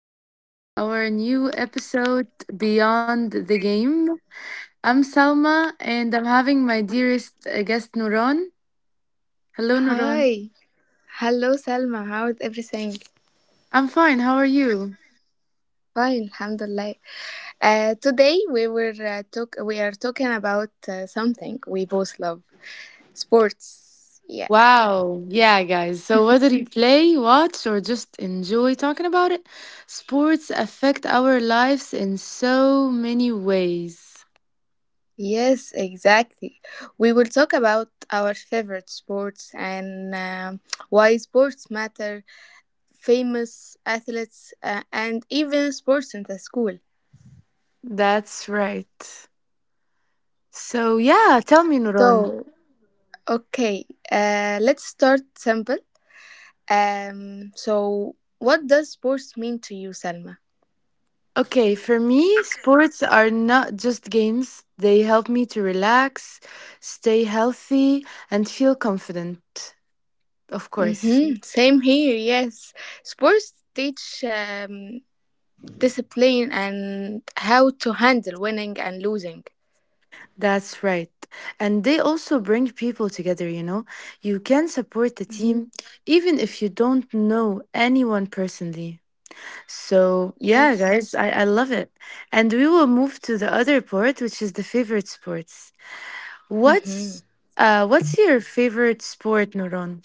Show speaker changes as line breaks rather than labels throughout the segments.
Welcome back to our new episode, Beyond the Game. I'm Salma and I'm having my dearest guest, Nuron. Hello, Nuron.
Hi. Hello, Salma. How is everything?
I'm fine. How are you?
Fine, alhamdulillah. Today we were talk we are talking about something we both love, sports. Yeah.
Wow. Yeah, guys. So, whether you play, watch, or just enjoy talking about it, sports affect our lives in so many ways.
Yes, exactly. We will talk about our favorite sports and why sports matter, famous athletes, and even sports in the school.
That's right. So, yeah, tell me, Nuron.
So, okay, let's start simple. So what does sports mean to you, Selma?
Okay, for me, sports are not just games. They help me to relax, stay healthy, and feel confident. Of course,
Mm-hmm. Same here, yes. Sports teach discipline and how to handle winning and losing.
that's right. And they also bring people together, you know. You can support the
Mm-hmm.
team even if you don't know anyone personally. So, yeah,
Yes.
guys, I love it. And we will move to the other part, which is the favorite sports.
Mm-hmm.
What's what's your favorite sport, Nuron?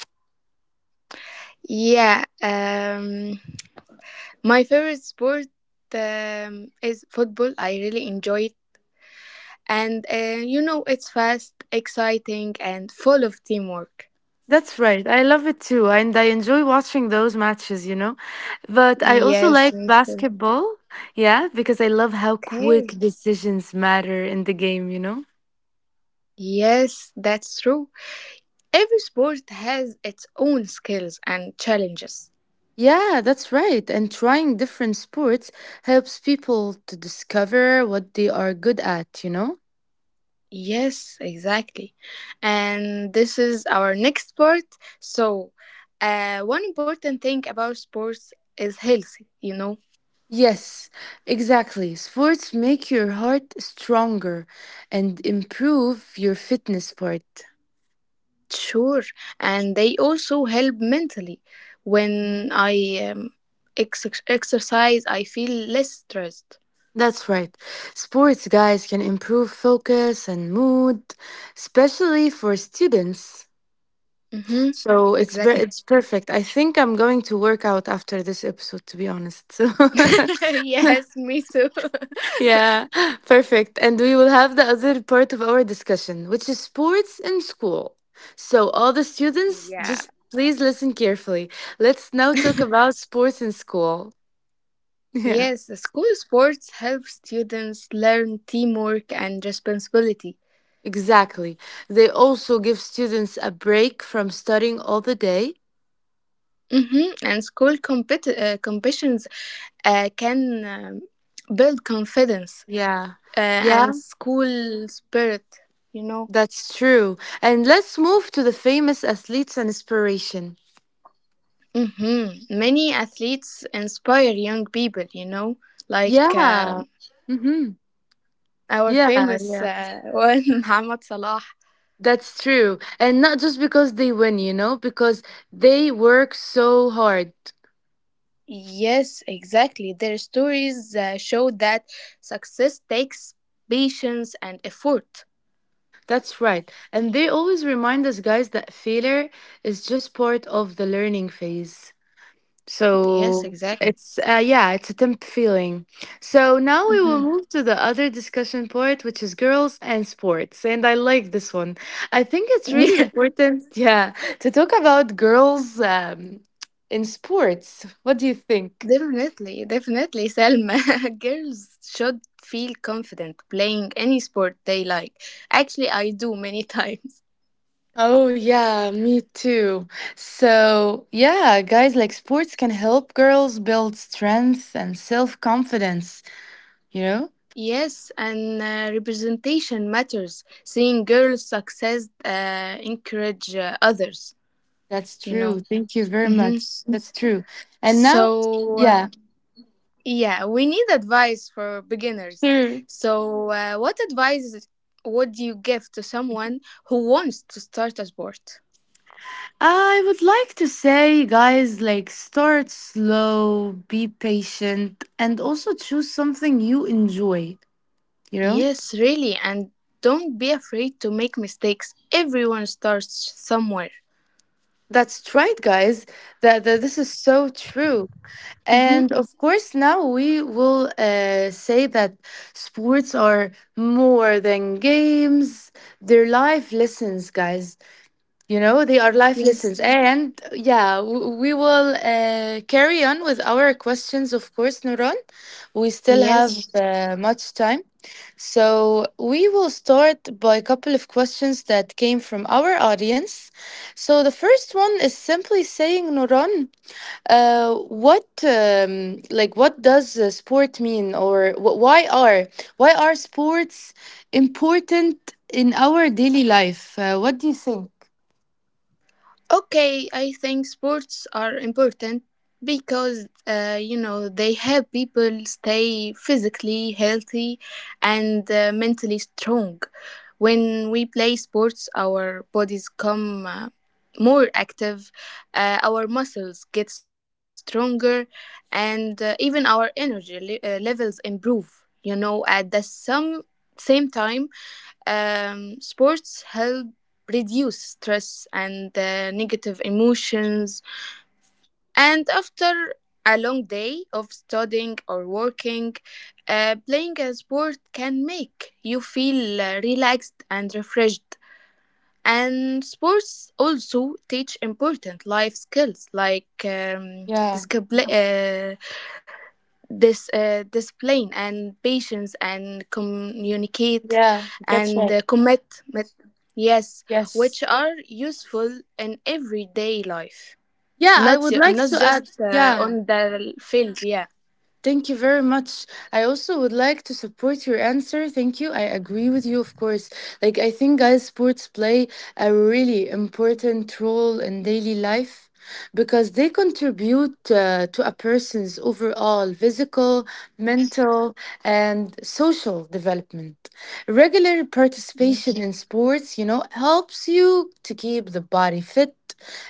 Yeah. My favorite sport is football. I really enjoy it. And you know, it's fast, exciting, and full of teamwork.
That's right. I love it too. And I enjoy watching those matches. But I also
Yes,
like
me too.
basketball. Yeah, because I love how quick
Okay.
decisions matter in the game.
Yes, that's true. Every sport has its own skills and challenges.
Yeah, that's right. And trying different sports helps people to discover what they are good at, you know?
Yes, exactly. And this is our next part. So, one important thing about sports is health, you know.
Yes, exactly. Sports make your heart stronger and improve your fitness part.
Sure. And they also help mentally. When I exercise, I feel less stressed.
That's right. Sports guys can improve focus and mood, especially for students.
Mm-hmm.
So it's per-
Exactly.
it's perfect. I think I'm going to work out after this episode to be honest. So
Yes, me too.
yeah, perfect. And we will have the other part of our discussion, which is sports in school. So all the students
Yeah.
just please listen carefully. Let's now talk about sports in school. Yeah.
Yes, the school sports help students learn teamwork and responsibility.
Exactly. They also give students a break from studying all the day.
And school competitions can build confidence
Yeah.
uh, and
Yeah,
school spirit, you know.
that's true. And let's move to the famous athletes and inspiration.
Many athletes inspire young people, you know, like
Yeah. Mm-hmm.
our
Yeah,
famous
yeah.
uh, one, Mohamed Salah.
That's true. And not just because they win, you know, because they work so hard.
Yes, exactly. Their stories show that success takes patience and effort.
That's right. And they always remind us, guys, that failure is just part of the learning phase.
Yes,
So
exactly.
it's yeah, it's a temp feeling. So now we will
hmm
move to the other discussion part, which is girls and sports. And I like this one. I think it's really important, yeah, to talk about girls in sports. What do you think?
Definitely, definitely, Selma. Girls should feel confident playing any sport they like. Actually, I do many times.
Oh, yeah, me too. So, yeah, guys, like sports can help girls build strength and self confidence, you know?
Yes, and representation matters. Seeing girls' success encourage others,
That's
you
true.
know.
Thank you very
hmm
much. That's true. And now,
So, uh,
yeah,
yeah, we need advice for beginners.
sure.
So, what advice would you give to someone who wants to start a sport?
I would like to say, guys, like start slow, be patient, and also choose something you enjoy, you know?
Yes, really. And don't be afraid to make mistakes. Everyone starts somewhere.
That's right, guys. That, that this is so true.
Mm-hmm.
And of course, now we will say that sports are more than games, they're life lessons, guys. You know, they are life
Yes.
lessons. And yeah, we will carry on with our questions, of course, Nuran. We still
Yes.
have much time. So we will start by a couple of questions that came from our audience. So the first one is simply saying, Nuran, what like what does sport mean, or why are sports important in our daily life? What do you think?
Okay, I think sports are important because you know they help people stay physically healthy and mentally strong. When we play sports, our bodies come more active, our muscles get stronger, and even our energy levels improve. You know, at the some same time, sports help reduce stress and negative emotions. And after a long day of studying or working, playing a sport can make you feel relaxed and refreshed. And sports also teach important life skills like
Yeah.
discipline, this discipline and patience and communicate
Yeah, that's
and
right.
mit- yes,
Yes.
which are useful in everyday life,
Yeah, I would like
not
to
just
add, yeah.
on the field, yeah,
Thank you very much. I also would like to support your answer. Thank you. I agree with you, of course. Like, I think guys, sports play a really important role in daily life because they contribute to a person's overall physical, mental, and social development. Regular
yeah.
participation in sports, you know, helps you to keep the body fit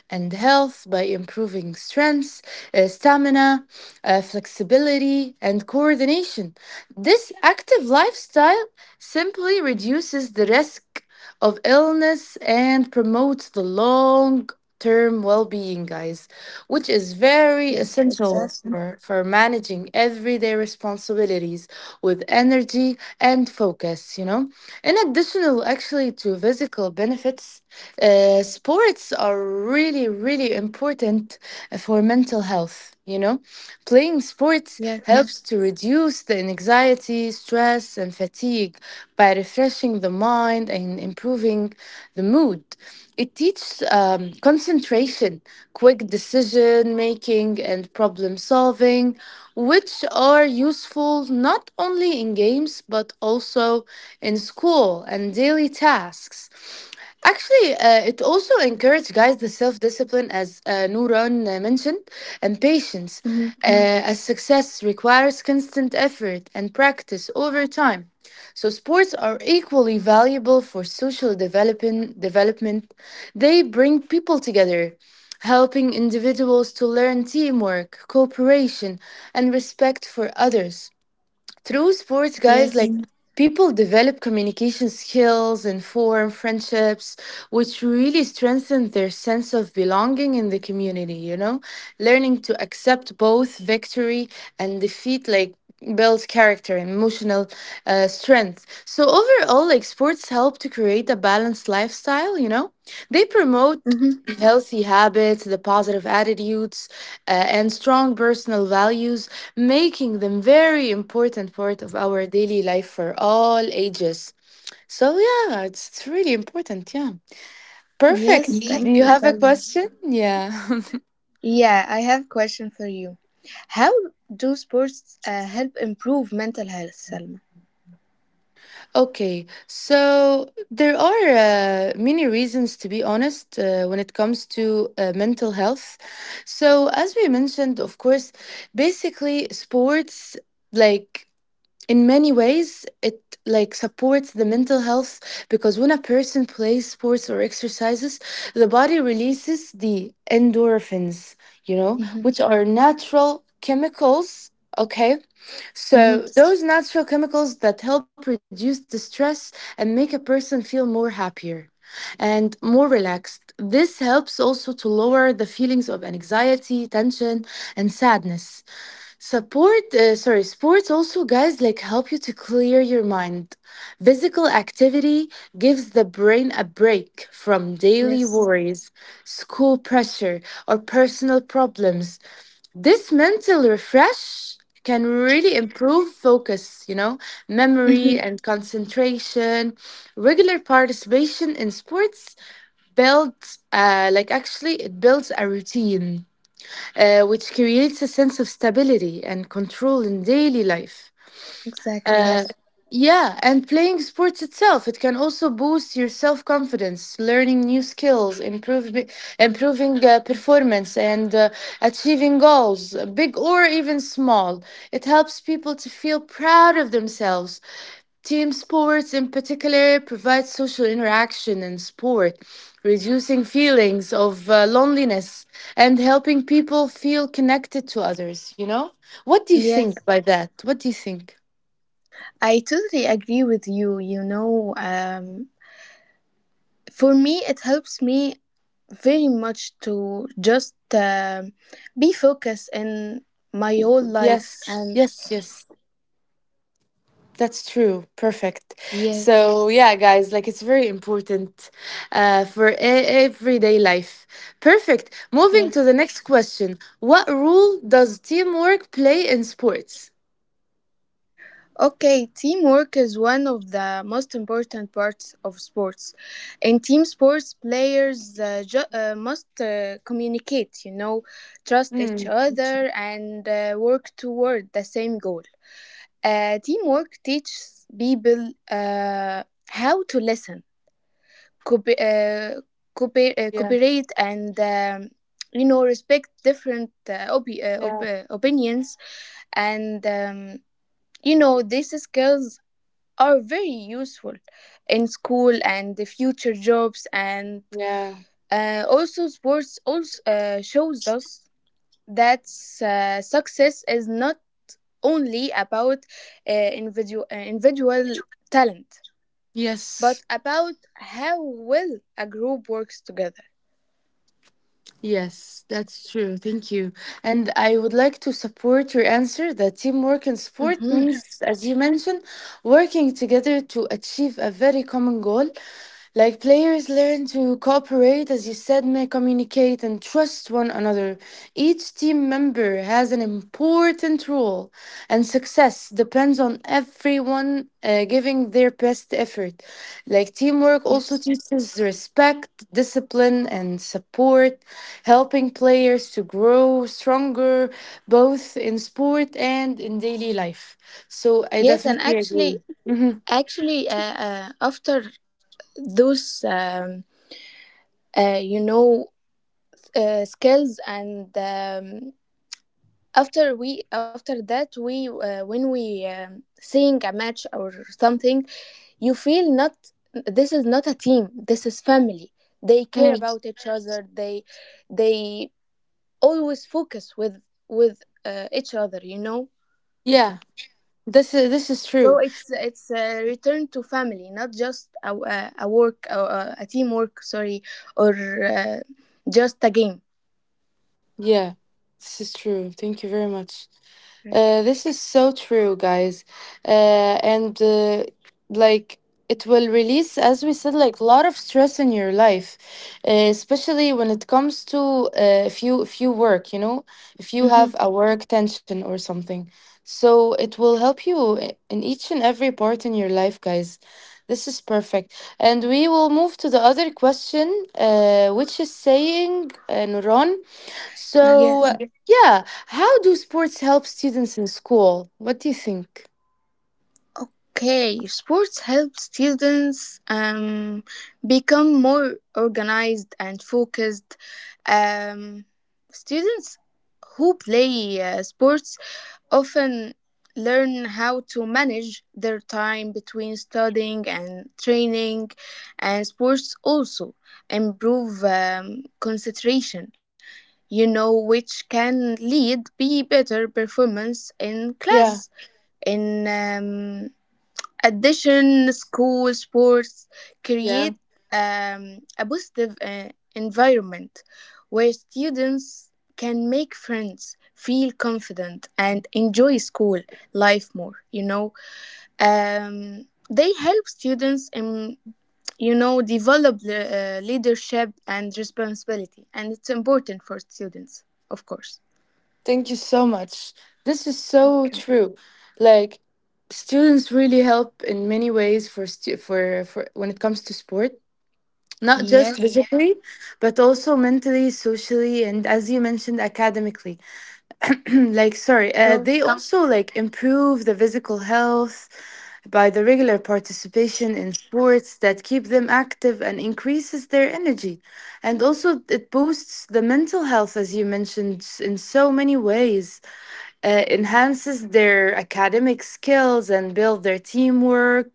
and health by improving strength, stamina, flexibility, and coordination. This active lifestyle simply reduces the risk of illness and promotes the long term well-being guys, which is very
Yes,
essential
exactly.
for managing everyday responsibilities with energy and focus, you know. In addition, actually, to physical benefits, sports are really really important for mental health, you know. Playing sports
Yes.
helps to reduce the anxiety, stress, and fatigue by refreshing the mind and improving the mood. It teaches concentration, quick decision making, and problem solving, which are useful not only in games but also in school and daily tasks. Actually, it also encouraged guys the self discipline, as Nuran mentioned, and patience,
Mhm.
Mm. as success requires constant effort and practice over time. So, sports are equally valuable for social development. They bring people together, helping individuals to learn teamwork, cooperation, and respect for others through sports guys,
Yes.
People develop communication skills and form friendships, which really strengthen their sense of belonging in the community, you know. Learning to accept both victory and defeat, like, builds character and emotional strength. So overall, like, sports help to create a balanced lifestyle, you know. They promote
hmm
healthy habits, the positive attitudes, and strong personal values, making them very important part of our daily life for all ages. So yeah, it's really important. Yeah, perfect.
yes,
Yes.
thank
Do you
you,
have a
Salma.
question? Yeah.
Yeah, I have question for you. How do sports help improve mental health, Salma?
okay. So there are many reasons, to be honest, when it comes to mental health. So as we mentioned, of course, basically sports, like, in many ways it like supports the mental health because when a person plays sports or exercises, the body releases the endorphins, you know,
Mm-hmm.
which are natural chemicals. Okay,
Mm-hmm.
so those natural chemicals that help reduce the stress and make a person feel more happier and more relaxed. This helps also to lower the feelings of anxiety, tension, and sadness. Sports also guys like help you to clear your mind. Physical activity gives the brain a break from daily
Yes.
worries, school pressure, or personal problems. This mental refresh can really improve focus, you know, memory
Mm-hmm.
and concentration. Regular participation in sports builds, like actually, it builds a routine, which creates a sense of stability and control in daily life.
Exactly,
Uh,
yes.
yeah, and playing sports itself, it can also boost your self confidence, learning new skills, improving performance, and achieving goals, big or even small. It helps people to feel proud of themselves. Team sports, in particular, provide social interaction and sport, reducing feelings of loneliness and helping people feel connected to others, you know? What do you think
Yes,
by that? What do you think?
I totally agree with you. You know, for me, it helps me very much to just be focused in my whole life.
Yes,
And
yes, yes. That's true. Perfect.
yes,
So, yeah, guys, like it's very important for everyday life. Perfect.
yes.
Moving to the next question. What role does teamwork play in sports?
Okay, teamwork is one of the most important parts of sports. In team sports, players must communicate, you know, trust each
Hmm.
other, and work toward the same goal. Teamwork teaches people how to listen, cooper- uh,
Yeah,
cooperate, and you know, respect different
yeah,
opinions, and you know, these skills are very useful in school and the future jobs. And
yeah.
also sports also shows us that success is not only about individual talent, but
Yes.
about how well a group works together.
Yes, that's true. Thank you. And I would like to support your answer that teamwork in sport
hmm
means, as you mentioned, working together to achieve a very common goal. Like, players learn to cooperate, as you said, may communicate and trust one another. Each team member has an important role, and success depends on everyone giving their best effort. Like, teamwork also
yes.
teaches respect, discipline, and support, helping players to grow stronger both in sport and in daily life. So I
Yes. And
definitely agree.
actually
Mhm.
actually after those you know, skills and after that we, when we seeing a match or something, you feel, not this is not a team, this is family. They care
Mm.
about each other, they they always focus with each other, you know.
Yeah, this is
So
true.
it's a return to family, not just a teamwork, sorry, or uh, just a game.
Yeah, this is true. Thank you very much. This is so true, guys. And like, it will release, as we said, like a lot of stress in your life, especially when it comes to if you work, you know, if you
Mm-hmm.
have a work tension or something. So it will help you in each and every part in your life, guys. This is perfect. And we will move to the other question, which is saying, Nuron.
Yes.
So, yeah, how do sports help students in school? What do you think?
Okay, sports help students become more organized and focused. Um, Students who play sports often learn how to manage their time between studying and training, and sports also improve concentration, you know, which can lead be better performance in
Yeah,
class. In addition, school sports
yeah.
create a positive environment where students can make friends, feel confident, and enjoy school life more. You know, they help students in, you know, develop the, leadership and responsibility, and it's important for students, of course.
Thank you so much. This is so
Okay.
true. Like, students really help in many ways for when it comes to sport, not just, yeah,
Yes.
physically, but also mentally, socially, and as you mentioned, academically. like sorry,
So
they, yeah, also like improve the physical health, by the regular participation in sports that keep them active and increases their energy. And also, it boosts the mental health, as you mentioned, in so many ways. Enhances their academic skills and build their teamwork,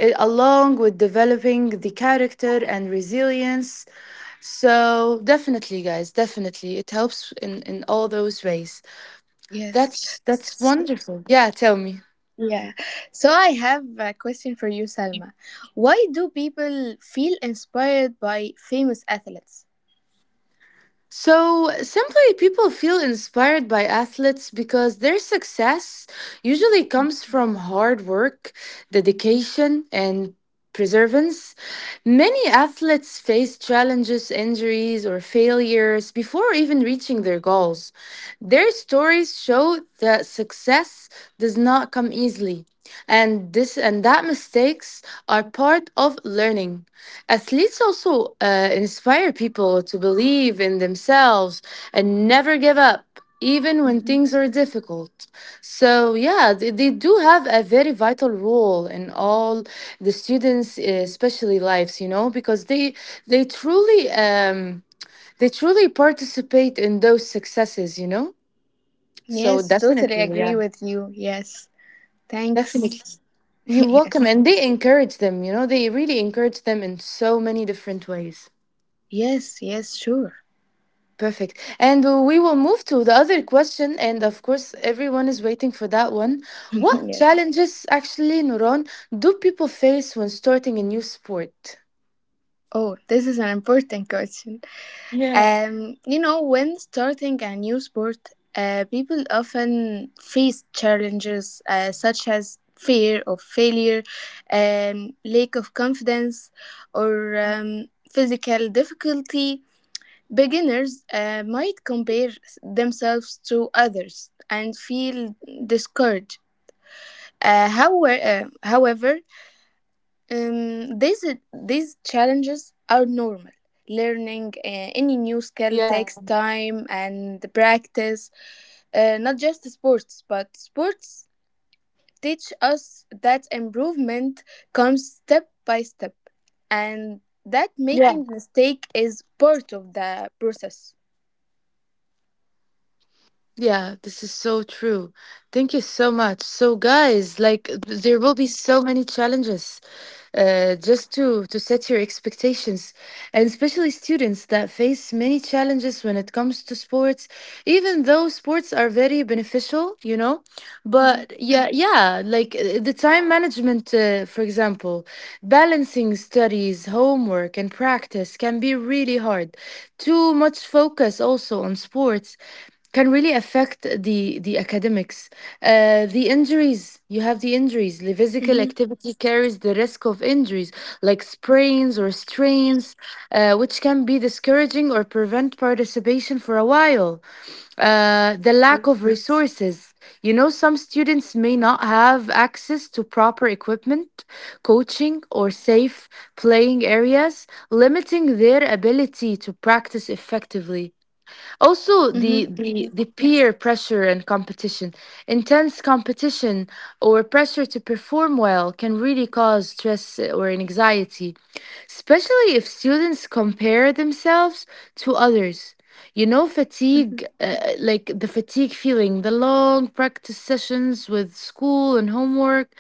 eh, along with developing the character and resilience. So definitely, guys, definitely, it helps in all those ways.
yes.
That's that's wonderful. Yeah, tell me.
Yeah. So I have a question for you, Salma. Why do people feel inspired by famous athletes?
So simply, people feel inspired by athletes because their success usually comes from hard work, dedication, and perseverance. Many athletes face challenges, injuries, or failures before even reaching their goals. Their stories show that success does not come easily, and this and that mistakes are part of learning. Athletes also inspire people to believe in themselves and never give up. Even when
Mm-hmm.
things are difficult. So, yeah, they do have a very vital role in all the students, especially lives, you know, because they truly they truly participate in those successes, you know. So
Yes, totally
definitely, yeah,
agree with you. Yes. Thanks.
definitely, you're welcome,
Yes.
and they encourage them. You know, they really encourage them in so many different ways.
Yes, yes, sure.
Perfect. And we will move to the other question. And of course, everyone is waiting for that one. What
Yes.
challenges, actually, Nuron, do people face when starting a new sport?
Oh, this is an important question.
Yeah,
You know, when starting a new sport, people often face challenges such as fear of failure, lack of confidence, or physical difficulty. Beginners might compare themselves to others and feel discouraged. However, um, these these challenges are normal. Learning
yeah,
any new skill takes time and practice. Not just sports, but sports teach us that improvement comes step by step, and that
yeah.
making mistake is part of the process.
Yeah, this is so true. Thank you so much. So, guys, like there will be so many challenges, just to set your expectations, and especially students that face many challenges when it comes to sports. Even though sports are very beneficial, you know,
Mm-hmm,
but yeah, yeah, like the time management, for example, balancing studies, homework, and practice can be really hard. Too much focus also on sports can really affect the academics. The injuries, you have the injuries. The physical
mm-hmm,
activity carries the risk of injuries like sprains or strains, which can be discouraging or prevent participation for a while. The lack of resources. You know, some students may not have access to proper equipment, coaching, or safe playing areas, limiting their ability to practice effectively. Also
mm-hmm,
the peer pressure and competition, intense competition or pressure to perform well can really cause stress or anxiety, especially if students compare themselves to others, you know.
mm-hmm.
Fatigue, like the fatigue feeling, the long practice sessions with school and homework,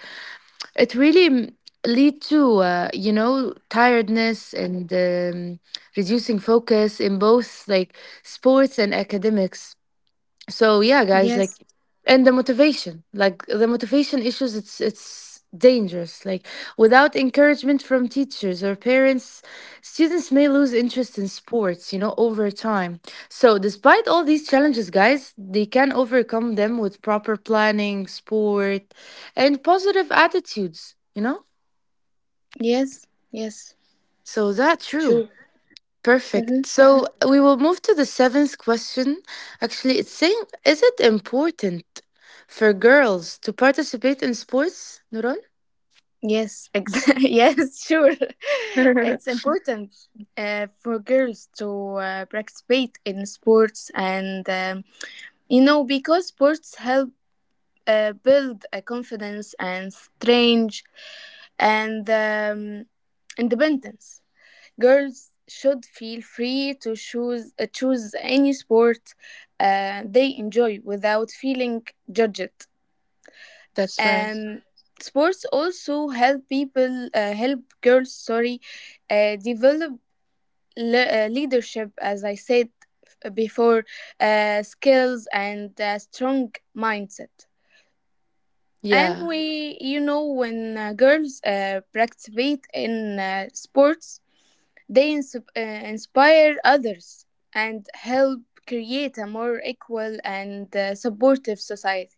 it really lead to, you know, tiredness and reducing focus in both like sports and academics. So yeah, guys,
Yes,
like, and the motivation, like the motivation issues, it's dangerous. Like, without encouragement from teachers or parents, students may lose interest in sports, you know, over time. So despite all these challenges, guys, they can overcome them with proper planning, sport, and positive attitudes, you know.
yes, yes.
So that's true.
Sure.
Perfect.
Mhm.
So we will move to the seventh question. Actually, it's saying, is it important for girls to participate in sports, Nuran?
Yes, yes, sure. It's important for girls to participate in sports, and you know, because sports help build a confidence and strength and independence. Girls should feel free to choose any sport they enjoy without feeling judged.
That's right.
Um, Sports also help people help girls, sorry, develop leadership, as I said before, skills and a strong mindset. And
Yeah,
we, you know, when girls participate in sports, they inspire others and help create a more equal and supportive society.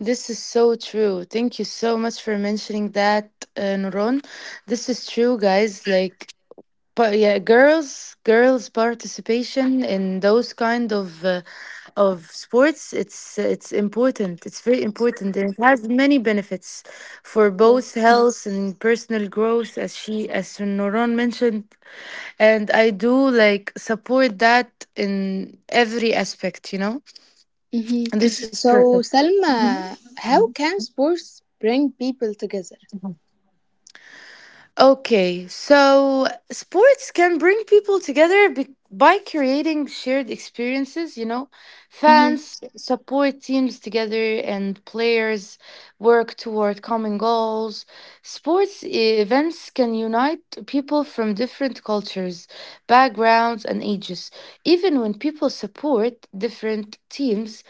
this is so true. Thank you so much for mentioning that, Nuron. This is true, guys. Like, but yeah, girls participation in those kind of sports, it's important, it's very important, and it has many benefits for both
Yes.
health and personal growth, as she as Noron mentioned. And I do like support that in every aspect, you know.
Mhm.
And this is.
So, Salma, how can sports bring people together?
Okay, so sports can bring people together by creating shared experiences, you know.
hmm
Fans support teams together and players work toward common goals. Sports events can unite people from different cultures, backgrounds, and ages. Even when people support different teams,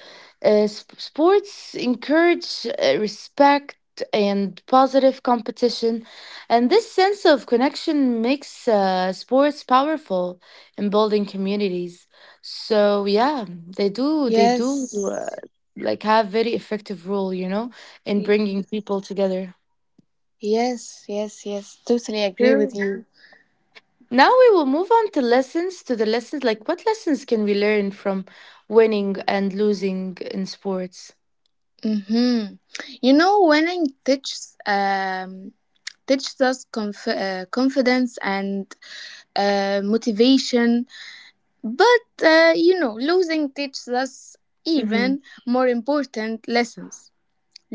sports encourage respect and positive competition, and this sense of connection makes sports powerful in building communities. So yeah, they do they do
Yes.
uh, like have very effective role, you know, in
Y-
bringing people together.
Yes, yes, yes. Totally agree with
True.
you.
Now we will move on to lessons, to the lessons like what lessons can we learn from winning and losing in sports?
Mm-hmm. You know, winning teaches us confidence and motivation, but you know, losing teaches us even
Mhm.
more important lessons.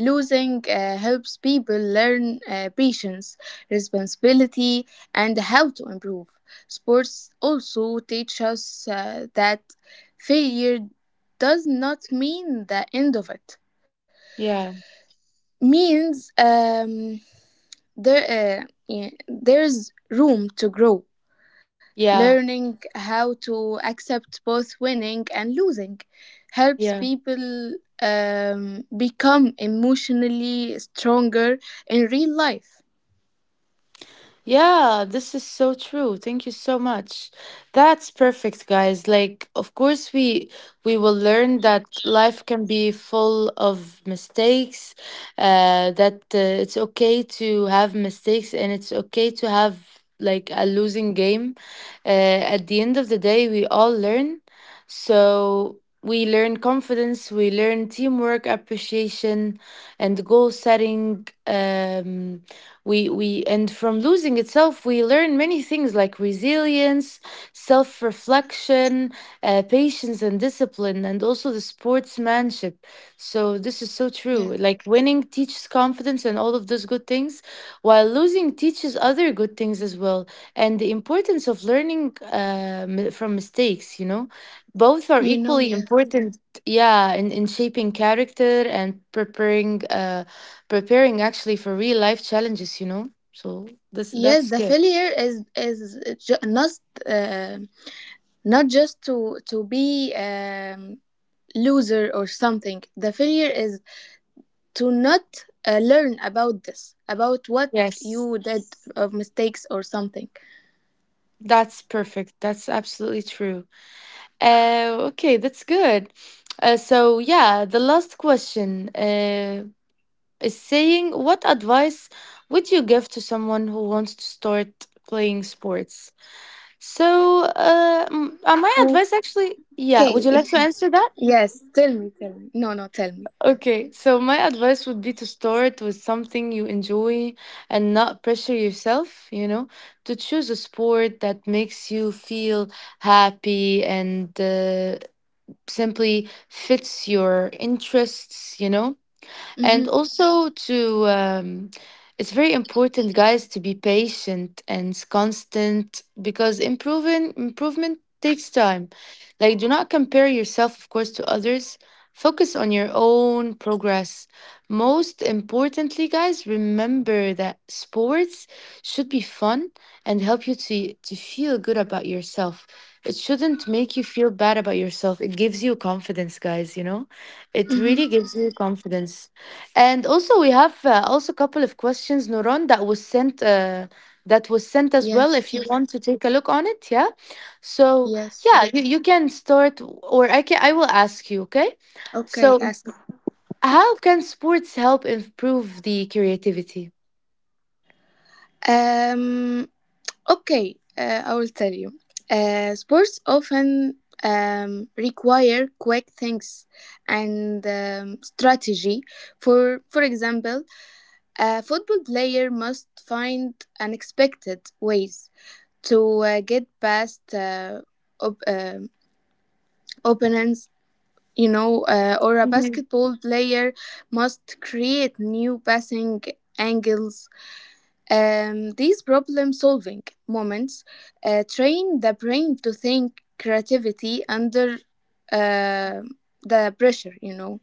Losing helps people learn patience, responsibility, and how to improve. Sports also teach us that failure does not mean the end of it.
Yeah.
Means there yeah, there's room to grow.
Yeah.
Learning how to accept both winning and losing helps
Yeah.
people become emotionally stronger in real life.
Yeah, this is so true. Thank you so much. That's perfect, guys. Like, of course, we will learn that life can be full of mistakes. That it's okay to have mistakes, and it's okay to have like a losing game. Uh, at the end of the day, we all learn. So we learn confidence, we learn teamwork, appreciation, and goal setting. We and from losing itself we learn many things like resilience, self-reflection, patience and discipline, and also the sportsmanship. So this is so
Yeah,
true, like winning teaches confidence and all of those good things, while losing teaches other good things as well, and the importance of learning from mistakes, you know. Both are
you know,
equally
yes,
important, yeah, in shaping character and preparing preparing actually for real life challenges, you know? So this,
yes.
that's
The
good.
failure is not uh, not just to be loser or something. The failure is to not learn about this, about what
Yes.
you did of mistakes or something.
That's perfect. That's absolutely true. Okay, that's good. So yeah, the last question is saying what advice would you give to someone who wants to start playing sports? So my advice
Okay.
actually, yeah, would you like to answer
Yes,
that?
tell me, tell me. No, no, tell me.
Okay, so my advice would be to start with something you enjoy and not pressure yourself, you know, to choose a sport that makes you feel happy and, simply fits your interests, you know, and
Mhm.
also to, it's very important, guys, to be patient and constant, because improving improvement takes time. Like, do not compare yourself, of course, to others, focus on your own progress. Most importantly, guys, remember that sports should be fun and help you to feel good about yourself. It shouldn't make you feel bad about yourself. It gives you confidence, guys, you know, it really
Mhm.
gives you confidence. And also, we have also a couple of questions, Nuron, that was sent. That was sent
Yes.
as well. If you want to take a look on it, yeah. So
Yes.
yeah, you can start, or I can. I will ask you. Okay.
Okay,
So
ask.
how can sports help improve the creativity?
Um okay, I will tell you. Sports often require quick things and strategy. For example, a football player must find unexpected ways to get past op- um opponents, you know, or a basketball player must create new passing angles. These problem solving moments train the brain to think creativity under uh, the pressure, you know.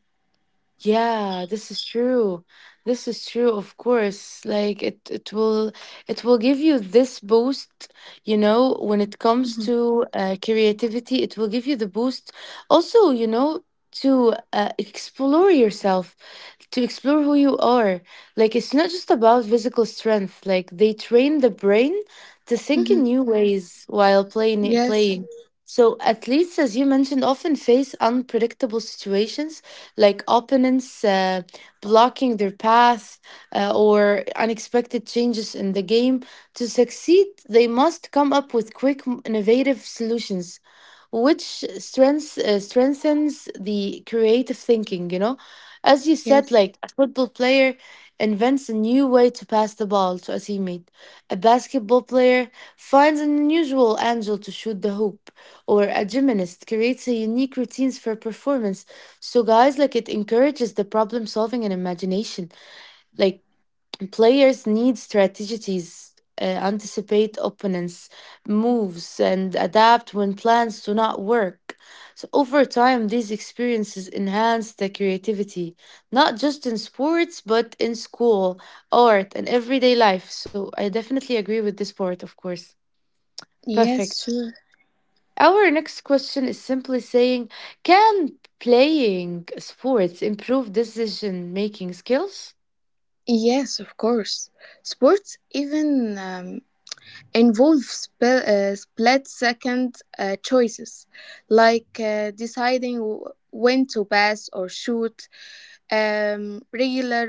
Yeah, this is true. This is true, of course. Like it will give you this boost, you know, when it comes
Mhm.
to creativity, it will give you the boost. Also, you know, to explore yourself, to explore who you are. Like, it's not just about physical strength. Like, they train the brain to think in
Mhm.
new ways while
Yes,
playing. So athletes, as you mentioned, often face unpredictable situations like opponents blocking their path, or unexpected changes in the game. To succeed, they must come up with quick, innovative solutions, which strengths strengthens the creative thinking, you know. As you said,
yes,
like a football player invents a new way to pass the ball to a teammate, a basketball player finds an unusual angle to shoot the hoop, or a gymnast creates a unique routines for performance. So guys, like, it encourages the problem solving and imagination. Like, players need strategies, anticipate opponents' moves, and adapt when plans do not work. So, over time, these experiences enhance the creativity, not just in sports, but in school, art, and everyday life. So, I definitely agree with this part, of course. Perfect.
yes, sure.
Our next question is simply saying, can playing sports improve decision making skills?
Yes, of course. Sports, even involves split-second choices, like deciding when to pass or shoot. Regular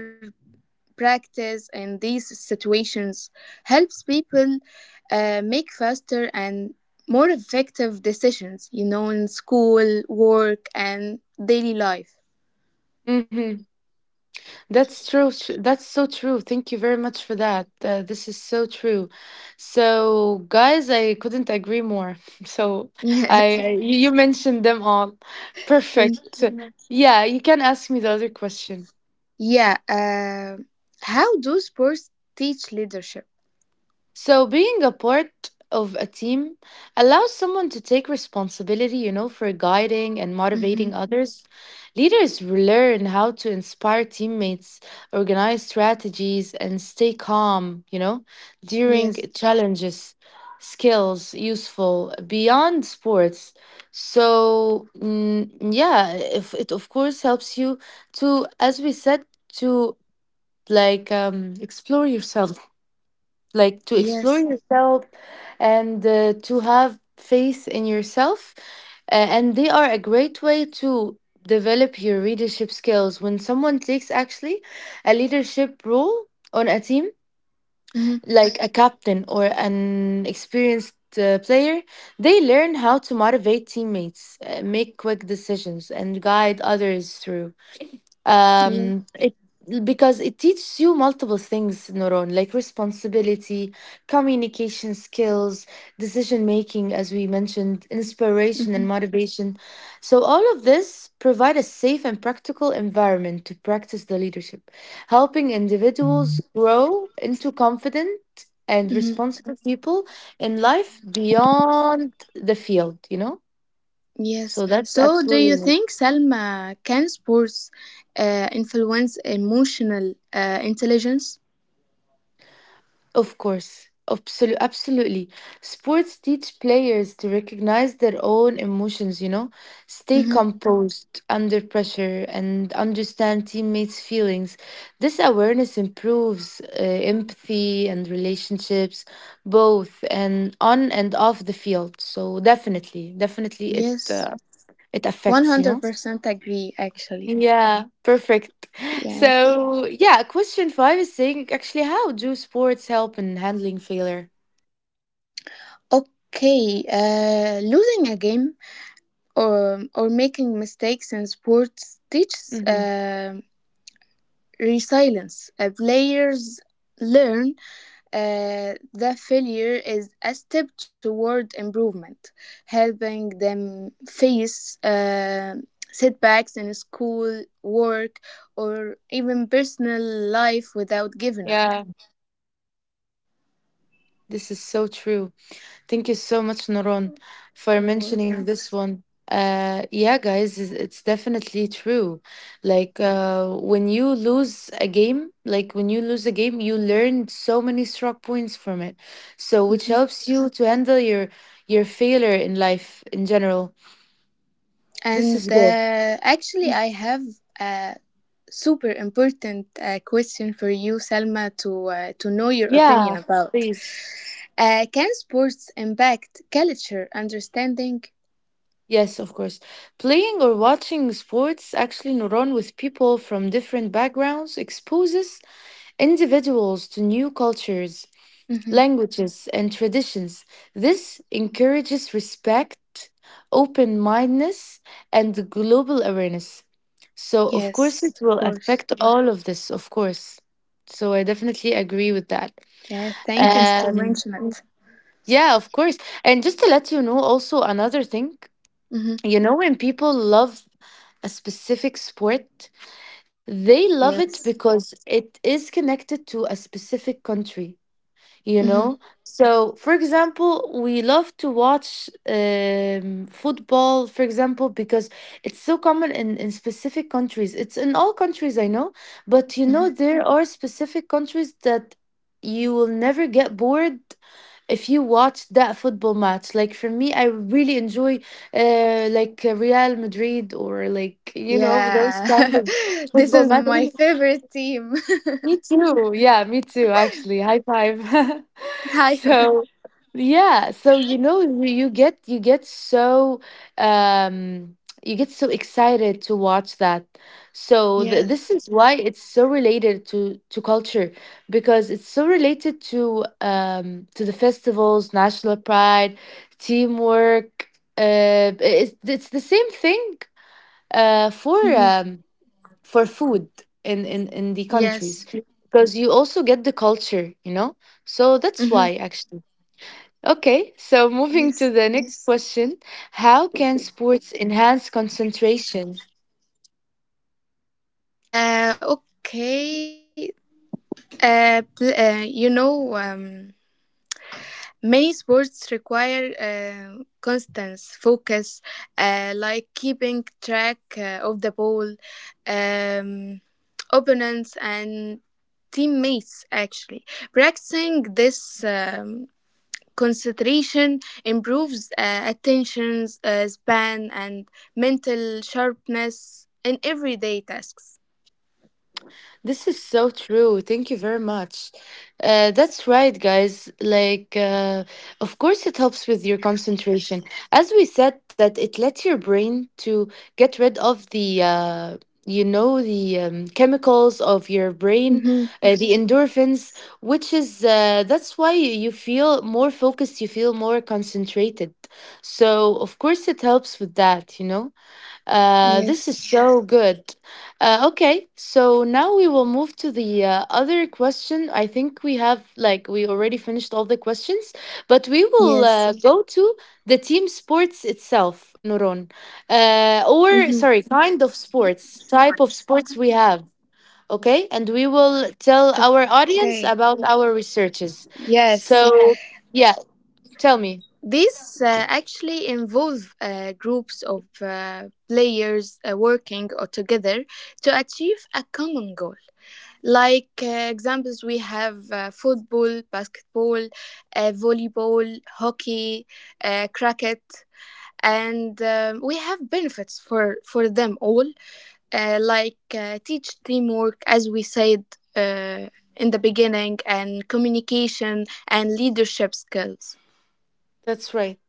practice in these situations helps people make faster and more effective decisions, you know, in school, work, and daily life.
That's true. That's so true. Thank you very much for that. This is so true. So, guys, I couldn't agree more. So,
Yes.
you mentioned them all.
Thank
Perfect.
you.
Yeah, you can ask me the other question.
Yeah. How do sports teach leadership?
So, being a part of a team allows someone to take responsibility, you know, for guiding and
hmm
motivating others. Leaders learn how to inspire teammates, organize strategies, and stay calm, you know, during
Yes.
challenges. Skills useful beyond sports. So, mm, yeah, if it of course helps you to, as we said, to like, explore yourself, like to explore
Yes.
yourself, and to have faith in yourself. And they are a great way to develop your leadership skills when someone takes actually a leadership role on a team,
Mm-hmm.
like a captain or an experienced player. They learn how to motivate teammates, make quick decisions, and guide others through,
Yeah.
it because it teaches you multiple things, Noron, like responsibility, communication skills, decision making, as we mentioned, inspiration and
Mm-hmm.
motivation. So all of this provide a safe and practical environment to practice the leadership, helping individuals grow into confident and
Mm-hmm.
responsible people in life beyond the field, you know.
Yes.
So that's
So, do you
absolutely.
think Salma can sports influence emotional intelligence?
Of course, absolutely, absolutely. Sports teach players to recognize their own emotions, you know, stay
Mm-hmm.
composed under pressure and understand teammates' feelings. This awareness improves empathy and relationships, both and on and off the field. So definitely, definitely,
Yes.
it
One
affects, you
hundred
know.
percent agree. Actually.
Yeah, perfect.
Yeah.
So yeah, question five is saying, actually, how do sports help in handling failure?
Okay. Losing a game or making mistakes in sports teaches
Hmm.
resilience. Players learn the failure is a step toward improvement, helping them face setbacks in school, work, or even personal life without giving up.
Yeah, this is so true. Thank you so much, Noron, for
You're
mentioning
welcome.
this one. Yeah, guys, it's definitely true. Like, when you lose a game, like when you lose a game, you learn so many strong points from it. So, which
Mhm.
helps you to handle your failure in life in general. This
And
is good.
actually, I have a super important question for you, Salma, to know your opinion
Yeah,
about.
please.
Can sports impact culture understanding?
Yes, of course. Playing or watching sports, actually, Noron, with people from different backgrounds exposes individuals to new cultures,
Mhm.
languages, and traditions. This encourages respect, open mindedness, and global awareness. So, of course,
Yes,
it
of
will
course.
affect all of this, of course. So, I definitely agree with that.
Yeah, thank you to
Um,
mention it.
yeah, of course. And just to let you know, also another thing,
hmm
you know, when people love a specific sport, they love it
Yes.
because it is connected to a specific country you
hmm
know so for example, we love to watch football, for example, because it's so common in specific countries. It's in all countries I know, but
hmm
there are specific countries that you will never get bored if you watch that football match. Like, for me, I really enjoy like Real Madrid, or like those kind of
Yeah,
football
this is
matches.
my favorite team.
Me too, yeah, me too, actually, high five.
Tyler.
So, yeah, so um you get so excited to watch that. So th this
Yes.
is why it's so related to culture, because it's so related to the festivals, national pride, teamwork. It's the same thing uh for
hmm
um for food in the countries,
Yes.
because you also get the culture, you know? So that's why,
hmm
actually. Okay, so moving to the
Yes.
next question. How can sports enhance concentration?
Okay. You know, many sports require constant focus, like keeping track of the ball, um, opponents, and teammates. Actually, practicing this concentration improves attention span and mental sharpness in everyday tasks.
This is so true. Thank you very much. That's right, guys. Like, of course, it helps with your concentration. As we said, that it lets your brain to get rid of the chemicals of your brain,
Mm-hmm.
the endorphins, which is that's why you feel more focused. You feel more concentrated. So, of course, it helps with that. You know. This is
Yes.
so good. Okay, so now we will move to the other question. I think we have, like, we already finished all the questions, but we will
Yes.
go to the team sports itself, Nuron. Or, sorry,
Mm-hmm.
kind of sports, type of sports we have. Okay, and we will tell our
Okay.
audience about our researches.
Yes.
So, yeah, tell me.
These actually involve groups of players working together to achieve a common goal. Like examples, we have football, basketball, volleyball, hockey, cricket, and we have benefits for them all, like teach teamwork, as we said uh, in the beginning, and communication and leadership skills.
That's right.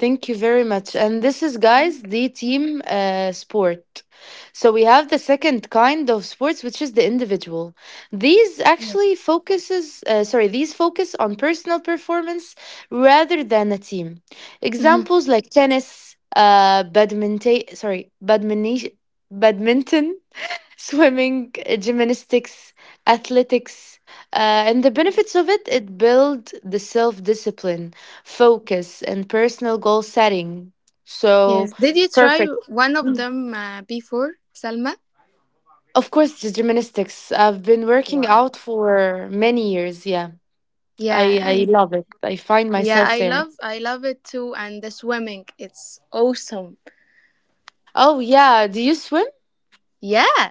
Thank you very much. And this is, guys, the team sport. So we have the second kind of sports, which is the individual. These actually focuses, sorry, these focus on personal performance rather than a team.
Mhm.
Examples like tennis, badminton, sorry, badminton, swimming, gymnastics, athletics. And the benefits of it, builds the self discipline, focus, and personal goal setting. So
Yes. Did you try
perfect.
one of them before, Salma?
Of course, the gymnastics. I've been working
Wow.
out for many years. Yeah, I,
Yeah,
I
and
love it. I find
yeah,
myself
I
there.
love it too, and the swimming. It's awesome.
Oh, yeah. Do you swim?
Yeah.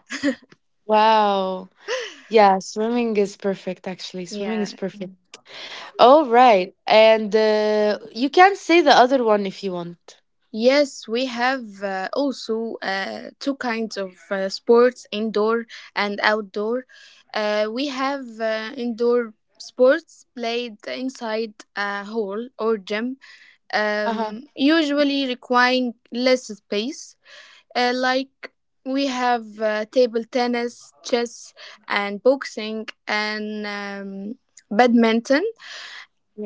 Wow. Yeah, swimming is perfect, actually. Swimming is
Yeah.
perfect. All right. And you can say the other one if you want.
Yes, we have also two kinds of sports, indoor and outdoor. We have indoor sports played inside a hall or gym,
Uh-huh.
usually requiring less space. Like we have table tennis, chess, and boxing, and badminton.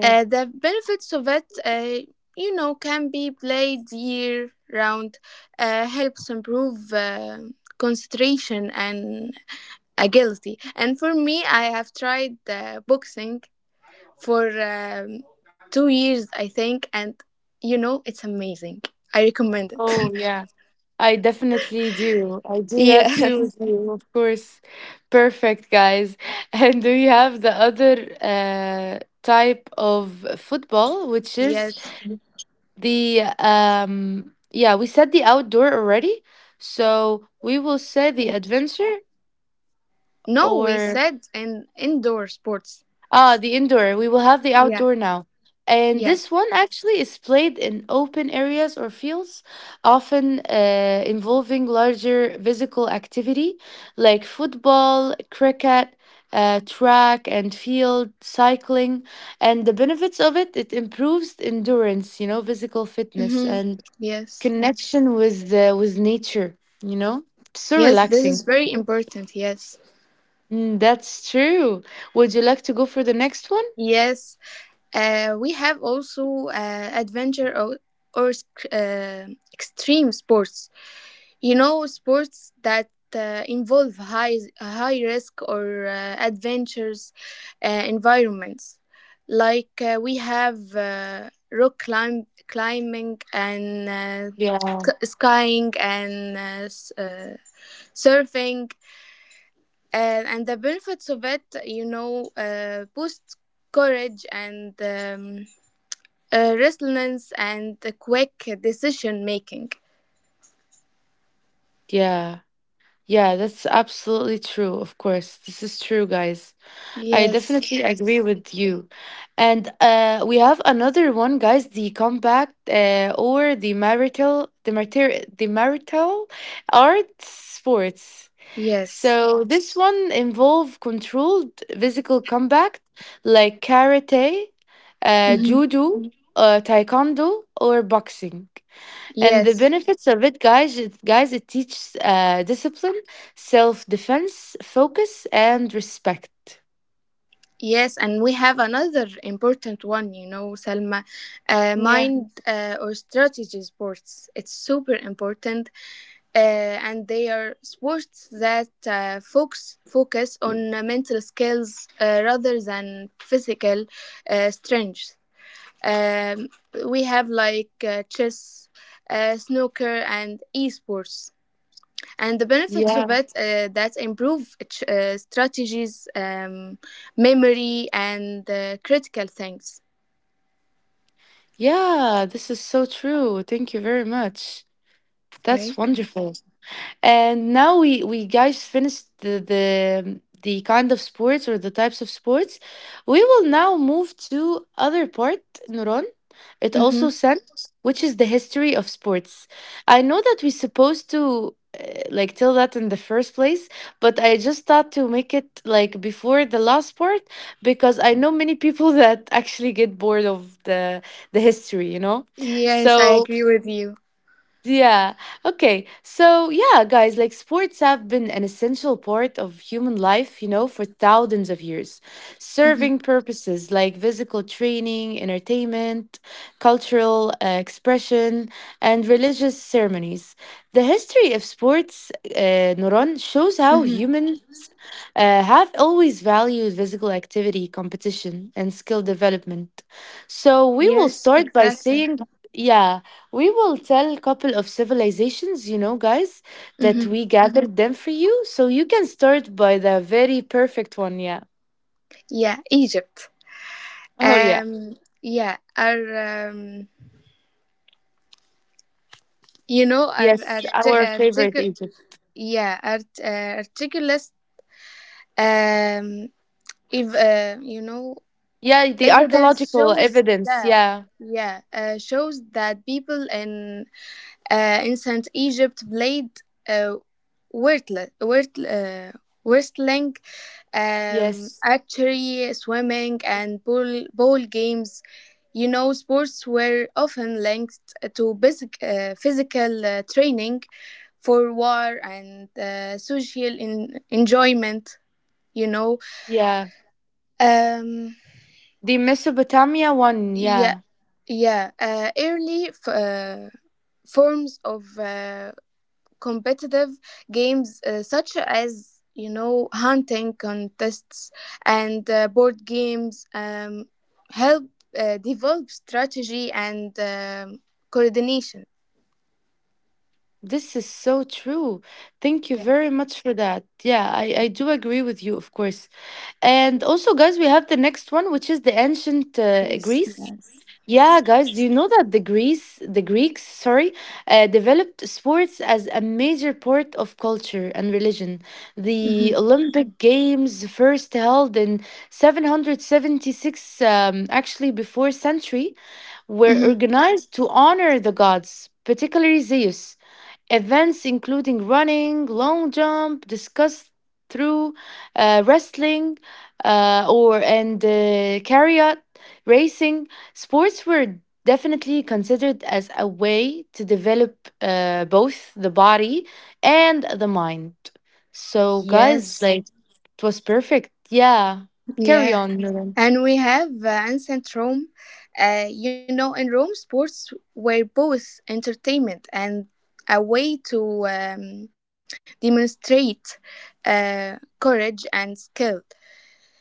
The benefits of it, can be played year round, helps improve concentration and agility. And for me, I have tried boxing for 2 years, I think, and it's amazing. I recommend it.
Oh, yeah. I definitely do. I do that too
Yes.
with you, of course. Perfect, guys. And we have the other type of football, which is
Yes.
the yeah, we said the outdoor already, so we will say the adventure
No, we
or
said in indoor sports.
the indoor. We will have the
Yeah.
outdoor now, and
Yes.
this one actually is played in open areas or fields, often involving larger physical activity, like football, cricket, track and field, cycling. And the benefits of it improves endurance, physical fitness,
Mm-hmm.
and
Yes.
connection with nature, you know so
Yes, this is
relaxing.
very important. Yes.
That's true. Would you like to go for the next one?
Yes. We have also adventure or sc- extreme sports. You know, sports that involve high risk or adventurous environments, like we have rock climb climbing and
Yeah,
skying and surfing. Uh, and the benefits of it, boost courage and resilience and quick decision making.
yeah, yeah, that's absolutely true. Of course, this is true, guys. I
Yes.
definitely agree with you. And we have another one, guys, the compact, or the marital, art sports.
Yes.
So this one involve controlled physical combat, like karate,
Mhm.
judo, taekwondo, or boxing. And the
Yes.
benefits of it, teaches discipline, self-defense, focus, and respect.
Yes, and we have another important one, you know, Salma,
Yeah.
mind or strategy sports. It's super important, uh, and they are sports that focus on mental skills rather than physical strength. Um, we have like chess, snooker, and esports. And the benefits of it that improve strategies, memory, and critical things.
Yeah, this is so true. Thank you very much. That's
Welcome.
wonderful. And now we guys, finished the the kind of sports, or the types of sports. We will now move to other part, Nuran. It
Mm-hmm.
also sent, which is the history of sports. I know that we supposed to like tell that in the first place, but I just thought to make it like before the last part, because I know many people that actually get bored of the history.
Yes, I
So,
agree with you.
yeah. Okay. So, yeah, guys, like sports have been an essential part of human life, for thousands of years,
Mm-hmm.
serving purposes like physical training, entertainment, cultural expression, and religious ceremonies. The history of sports, Nuran, shows how
Mm-hmm.
humans have always valued physical activity, competition, and skill development. So, we will
Yes,
start by
exactly.
saying, yeah. We will tell couple of civilizations, guys, that
Mm-hmm.
we gathered them for you. So you can start by the very perfect one, yeah.
Yeah, Egypt.
Oh, yeah.
Yeah, our, you know, our, our,
Yes,
t-
our favorite
artic-
Egypt.
yeah, our, articulist, um, if,
Yeah, the
evidence
archaeological
shows
evidence,
that
yeah.
people in ancient Egypt played uh, wordle- word- uh, wrestling,
Yes.
archery, swimming, and ball games. You know, sports were often linked to basic, physical training for war and social enjoyment. You know,
Yeah.
um,
The Mesopotamia one,
yeah,
yeah.
Yeah, forms of competitive games, such as hunting contests and board games, help develop strategy and coordination.
This is so true. Thank you
Yeah,
very much for that. Yeah, I do agree with you, of course. And also, guys, we have the next one, which is the ancient
Chris.
Greece.
Yes.
Yeah, guys, do you know that the Greece, the Greeks, sorry, developed sports as a major part of culture and religion.
Mm-hmm.
The Olympic Games, first held in 776, actually before century, were
Mm-hmm.
organized to honor the gods, particularly Zeus. Events including running, long jump, discuss through, wrestling, or and chariot racing. Sports were definitely considered as a way to develop both the body and the mind. So, guys,
Yes.
like it was perfect. Yeah, carry
Yeah.
on, Nuran.
And we have ancient Rome. You know, in Rome, sports were both entertainment and a way to demonstrate courage and skill.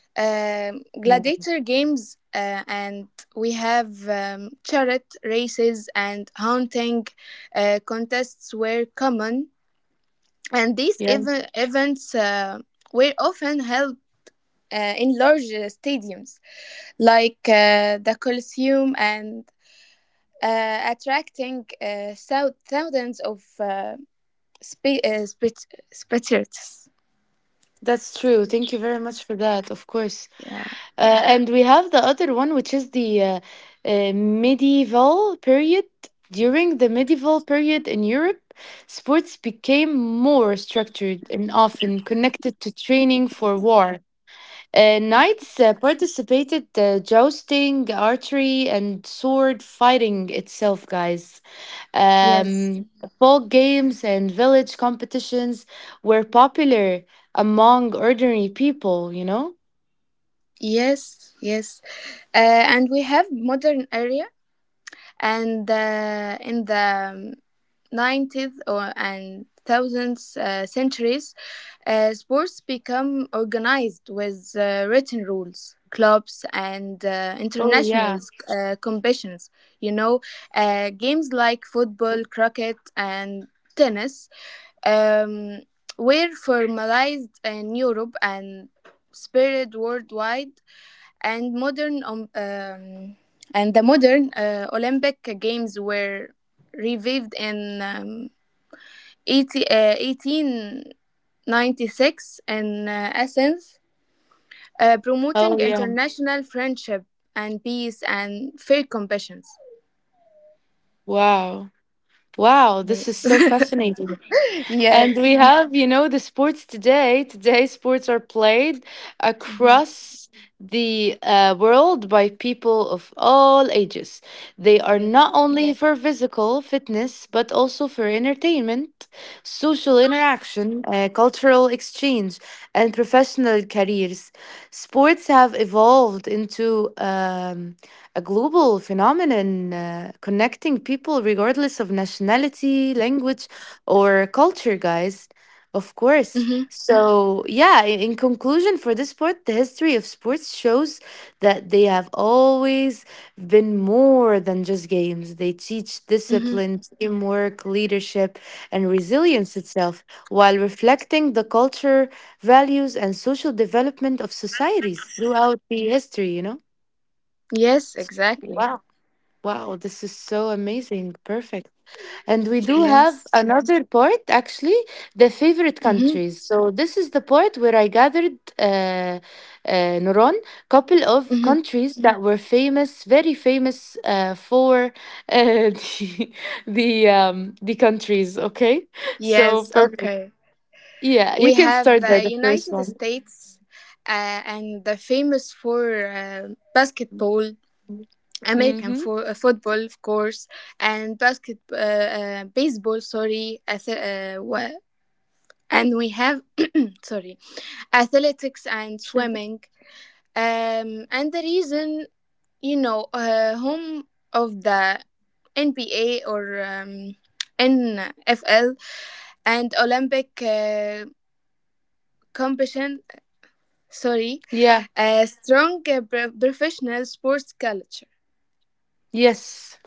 Gladiator games, and we have chariot races and hunting contests were common. And these
Yeah,
ev- events uh, were often held in large stadiums like the Colosseum and attracting thousands of spe- uh, spect- spectators.
that's true. Thank you very much for that. Of course.
Yeah.
And we have the other one, which is the medieval period. During the medieval period in Europe, sports became more structured and often connected to training for war. Knights participated jousting, archery, and sword fighting itself, guys.
Yes.
Um, folk games and village competitions were popular among ordinary people, you know?
Yes. Yes. And we have modern area, and in the um, 19th and 1000th centuries, sports become organized with written rules, clubs, and
Oh, yeah.
international competitions. You know, games like football, cricket, and tennis um, were formalized in Europe and spread worldwide, and modern and the modern Olympic Games were revived in 1896 in Athens, promoting
Oh, yeah.
international friendship and peace and fair competitions.
Wow. Wow, this is so
Yes.
fascinating.
Yes.
And we have, the sports today. Today, sports are played
Mhm.
across the world by people of all ages. They are
Yes.
not only, yeah, for physical fitness, but also for entertainment, social interaction, cultural exchange, and professional careers. Sports have evolved into a global phenomenon, connecting people regardless of nationality, language, or culture, guys. Of
Hmm.
course. So, yeah, in conclusion, for this sport, the history of sports shows that they have always been more than just games. They teach
Hmm.
discipline, teamwork, leadership, and resilience itself, while reflecting the culture, values, and social development of societies throughout the history, you know?
Yes.
S-
Exactly.
Wow. Wow, this is so amazing. Perfect. And we do have
Yes.
another part, actually, the favorite
Hmm.
countries. So this is the part where I gathered, Nuron, couple of
Hmm.
countries that were famous, very famous, for uh, the the countries. Okay, so
Yes.
perfect.
Okay.
Yeah,
We
you can
have
start by the first
United
one.
States and the famous for basketball, American
Mm-hmm.
for football, of course, and basket baseball. Sorry, ath- wha- and we have Sorry, athletics and
Sure.
swimming. And the reason, home of the NBA or NFL and Olympic competition, sorry,
Yeah.
a strong professional sports culture.
Yes.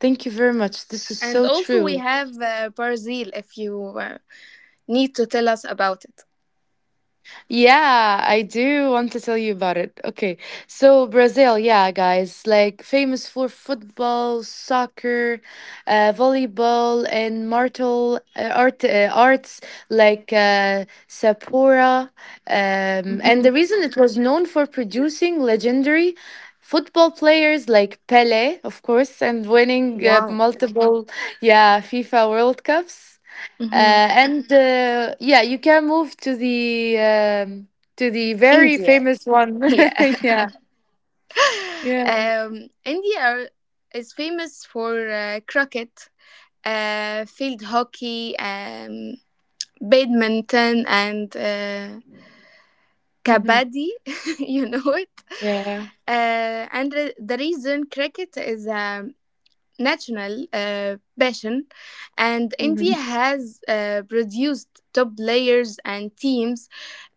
Thank you very much. This is
And
so
also, we
true.
have Brazil, if you need to tell us about it.
Yeah, I do want to tell you about it. Okay, so Brazil, yeah, guys, like famous for football, soccer, volleyball, and martial arts like Sapura. And the
Hmm.
reason it was known for producing legendary football players like Pele, of course, and winning
Wow.
multiple, yeah, FIFA World Cups.
Hmm.
And, yeah, you can move to the very
India.
famous one.
Yeah.
Yeah, yeah,
um, India are- is famous for cricket, field hockey, badminton, and
hmm,
kabaddi. You know it.
yeah.
And the reason, cricket is national passion, and India
Hmm.
has produced top players and teams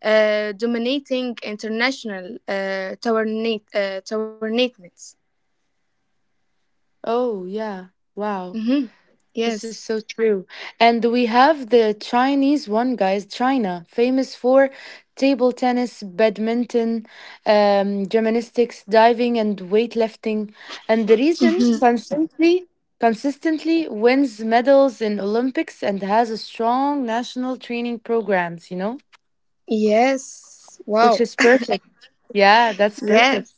dominating international tournaments.
Oh, yeah, wow.
Hmm.
This is
Yes.
so true. And we have the Chinese one, guys, China, famous for table tennis, badminton, gymnastics, diving, and weightlifting. And the region
Hmm.
consistently wins medals in Olympics and has a strong national training programs,
Yes.
which
Wow.
is perfect. Yeah, that's perfect.
Yes.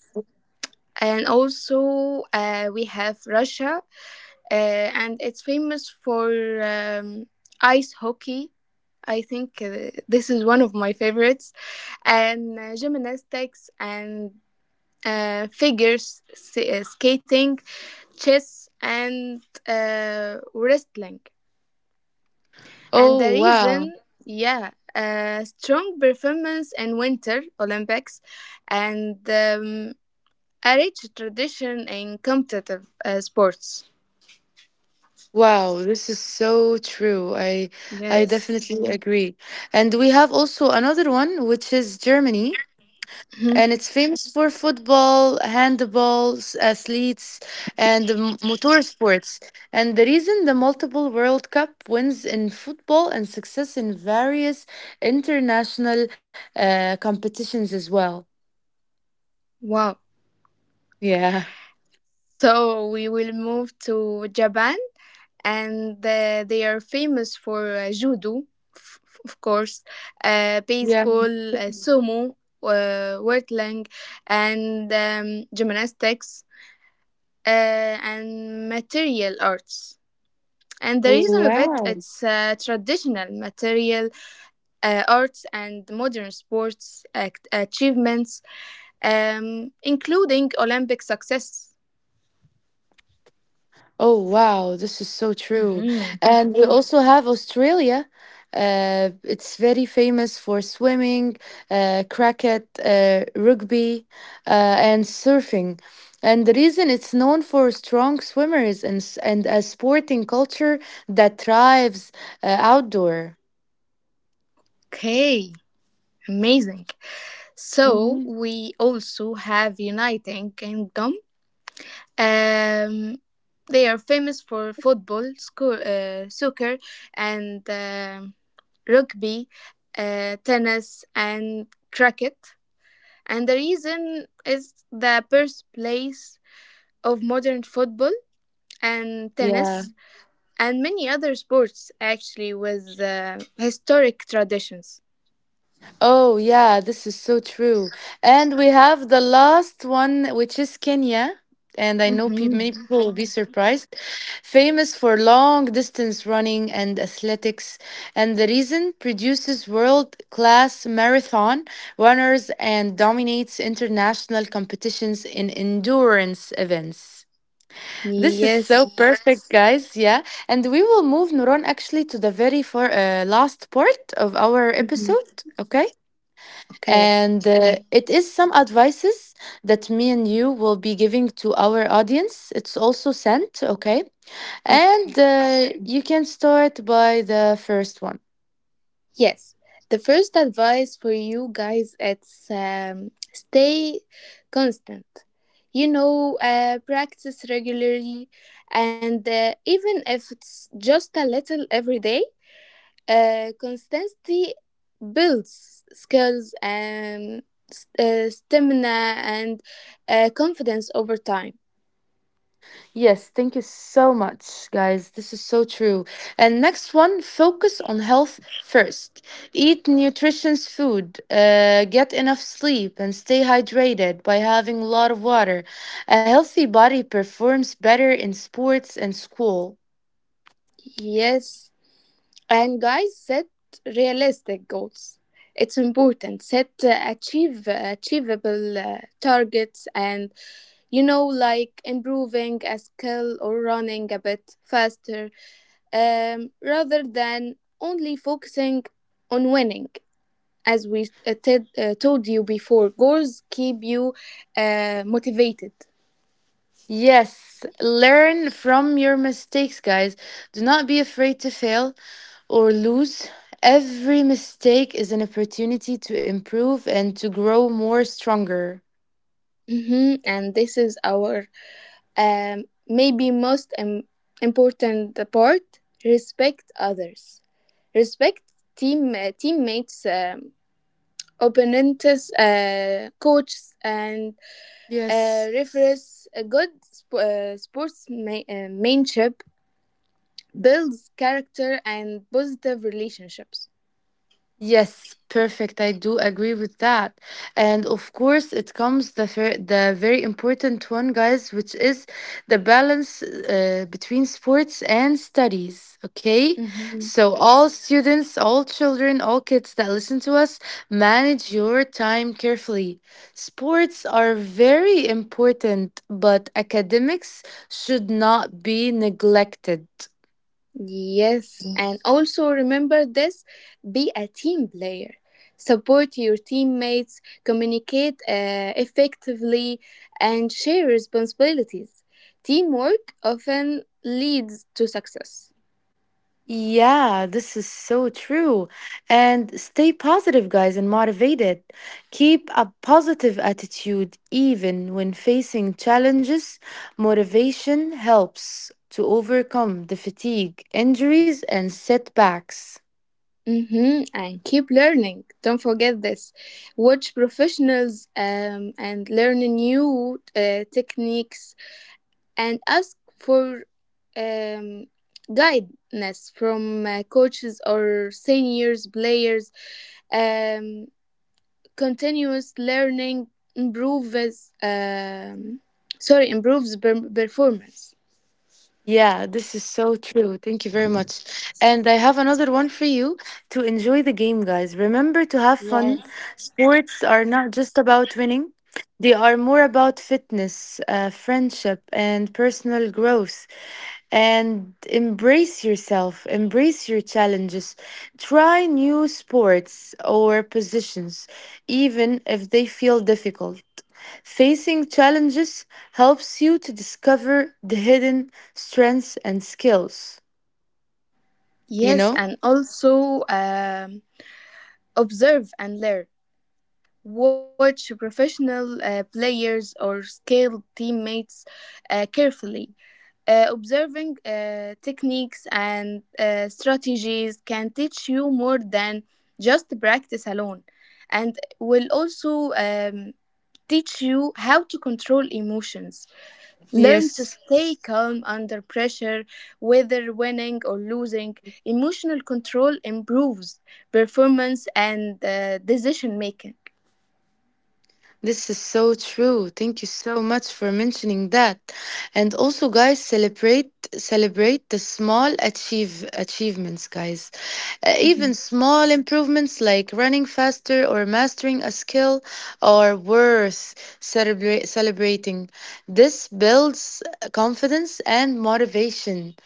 And also, we have Russia, and it's famous for um, ice hockey. I think this is one of my favorites. And gymnastics and skating, chess, and wrestling. And the
Oh, wow.
reason, yeah, strong performance in Winter Olympics and a rich tradition in competitive sports.
Wow, this is so true. I
Yes.
definitely agree. And we have also another one, which is Germany,
Mhm.
and it's famous for football, handball, athletes, and motor sports. And the reason the multiple World Cup wins in football and success in various international competitions as well.
Wow.
Yeah.
So we will move to Japan. And they are famous for judo, f- of course,
Yeah.
baseball, sumo, wrestling, and gymnastics, uh, and material arts. And the reason of it,
Wow.
it's traditional material arts and modern sports achievements, including Olympic success.
Oh, wow, this is so true.
Hmm.
And we also have Australia. It's very famous for swimming, cricket, rugby, and surfing. And the reason it's known for strong swimmers and a sporting culture that thrives outdoor.
Okay, amazing. So
Mhm.
we also have Uniting Kingdom. Um, they are famous for football, soccer, and rugby, tennis, and cricket. And the reason is the birthplace of modern football and tennis
Yeah.
and many other sports, actually, with historic traditions.
Oh, yeah, this is so true. And we have the last one, which is Kenya. And I know peop many
Mhm.
people will be surprised. Famous for long distance running and athletics. And the reason produces world class marathon runners and dominates international competitions in endurance events. This is so,
Yes.
yes, perfect, guys. Yeah. And we will move, Nuron, actually, to the very last part of our
Mhm.
episode. Okay.
Okay.
And it is some advices that me and you will be giving to our audience. It's also sent, okay? And
Okay.
you can start by the first one.
Yes. The first advice for you guys, it's stay constant. You know, practice regularly, and even if it's just a little every day, consistency builds skills and stamina and confidence over time.
Yes, thank you so much, guys. This is so true. And next one, focus on health first. Eat nutritious food, get enough sleep, and stay hydrated by having a lot of water. A healthy body performs better in sports and school.
Yes. And guys, set realistic goals. It's important. Set achieve achievable targets, and you know, like improving a skill or running a bit faster, rather than only focusing on winning. As we told you before, goals keep you motivated.
Yes, learn from your mistakes, guys. Do not be afraid to fail or lose. Every mistake is an opportunity to improve and to grow more stronger.
Hmm. And this is our. Maybe most important part, respect others, respect teammates, opponents, coaches, and
Yes.
referees. A good sportsmanship builds character and positive relationships.
Yes, perfect. I do agree with that. And of course, it comes the the very important one, guys, which is the balance between sports and studies, okay?
Mhm.
So all students, all children, all kids that listen to us, manage your time carefully. Sports are very important, but academics should not be neglected.
Yes, and also remember this, be a team player. Support your teammates, communicate effectively, and share responsibilities. Teamwork often leads to success.
Yeah, this is so true. And stay positive, guys, and motivated. Keep a positive attitude even when facing challenges. Motivation helps to overcome the fatigue, injuries, and setbacks.
Mm-hmm. And keep learning. Don't forget this. Watch professionals and learn new techniques and ask for um, guidance from coaches or seniors players. Um, Continuous learning improves sorry improves performance.
Yeah, this is so true. Thank you very much. And I have another one for you, to enjoy the game, guys. Remember to have fun.
Yes.
Sports are not just about winning, they are more about fitness, friendship, and personal growth. And embrace yourself, embrace your challenges. Try new sports or positions, even if they feel difficult. Facing challenges helps you to discover the hidden strengths and skills, you
Yes,
know?
and also observe and learn. Watch professional players or skilled teammates carefully. Observing techniques and strategies can teach you more than just practice alone, and will also teach you how to control emotions. Learn to
Yes.
stay calm under pressure, whether winning or losing. Emotional control improves performance and decision making.
This is so true. Thank you so much for mentioning that. And also, guys, celebrate, the small achievements, guys. Uh,
Mhm.
even small improvements like running faster or mastering a skill are worth celebrating. This builds confidence and motivation.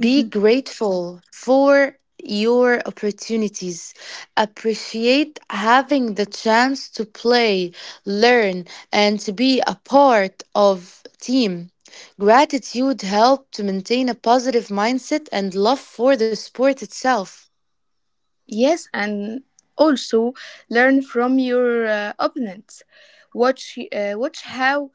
Be grateful for your opportunities. Appreciate having the chance to play, learn, and to be a part of team. Gratitude helps to maintain a positive mindset and love for the sport itself.
Yes, and also learn from your opponents. Watch how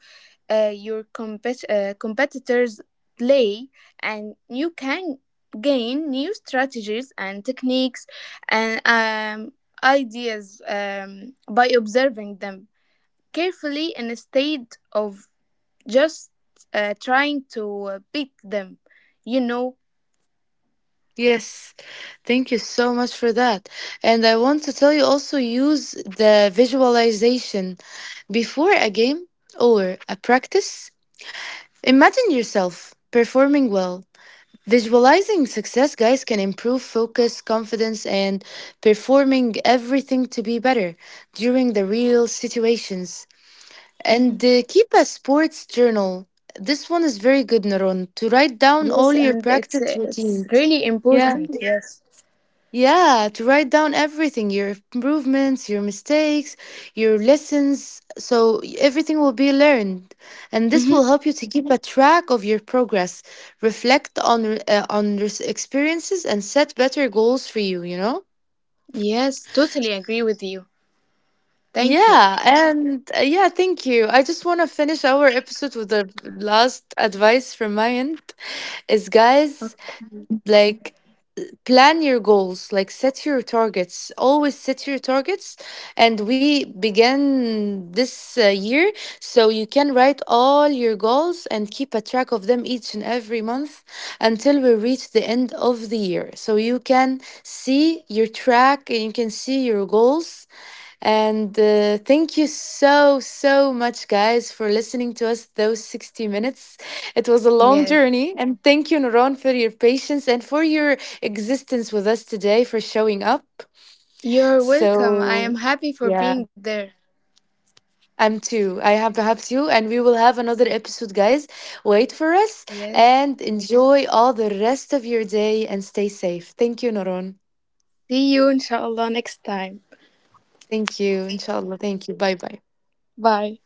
competitors play, and you can gain new strategies and techniques and ideas by observing them carefully, instead of just trying to beat them. You know.
Yes, thank you so much for that. And I want to tell you, also, use the visualization before a game or a practice. Imagine yourself performing well. Visualizing success, guys, can improve focus, confidence, and performing everything to be better during the real situations.
Mhm.
And keep a sports journal. This one is very good, Naron, to write down all
Yes,
your
and
practice
it's
routines.
really
Yeah.
important. Yes.
Yeah, to write down everything, your improvements, your mistakes, your lessons, so everything will be learned. And this
Mhm.
will help you to keep a track of your progress, reflect on your experiences, and set better goals for you, you know?
Yes, totally agree with you. Thank you.
Yeah, and yeah, thank you. I just want to finish our episode with the last advice from my end, is, guys, like, plan your goals, like set your targets, always set your targets, and we began this year, so you can write all your goals and keep a track of them each and every month until we reach the end of the year, so you can see your track and you can see your goals. And thank you so, so much, guys, for listening to us those 60 minutes. It was a long
Yes.
journey. And thank you, Noron, for your patience and for your existence with us today, for showing up.
You're welcome. I am
So,
happy for
yeah,
being there.
I'm too. I have perhaps you. And we will have another episode, guys. Wait for us
Yes.
and enjoy all the rest of your day and stay safe. Thank you, Noron.
See you inshallah next time.
Thank you, inshallah. Thank you. Bye bye.
Bye.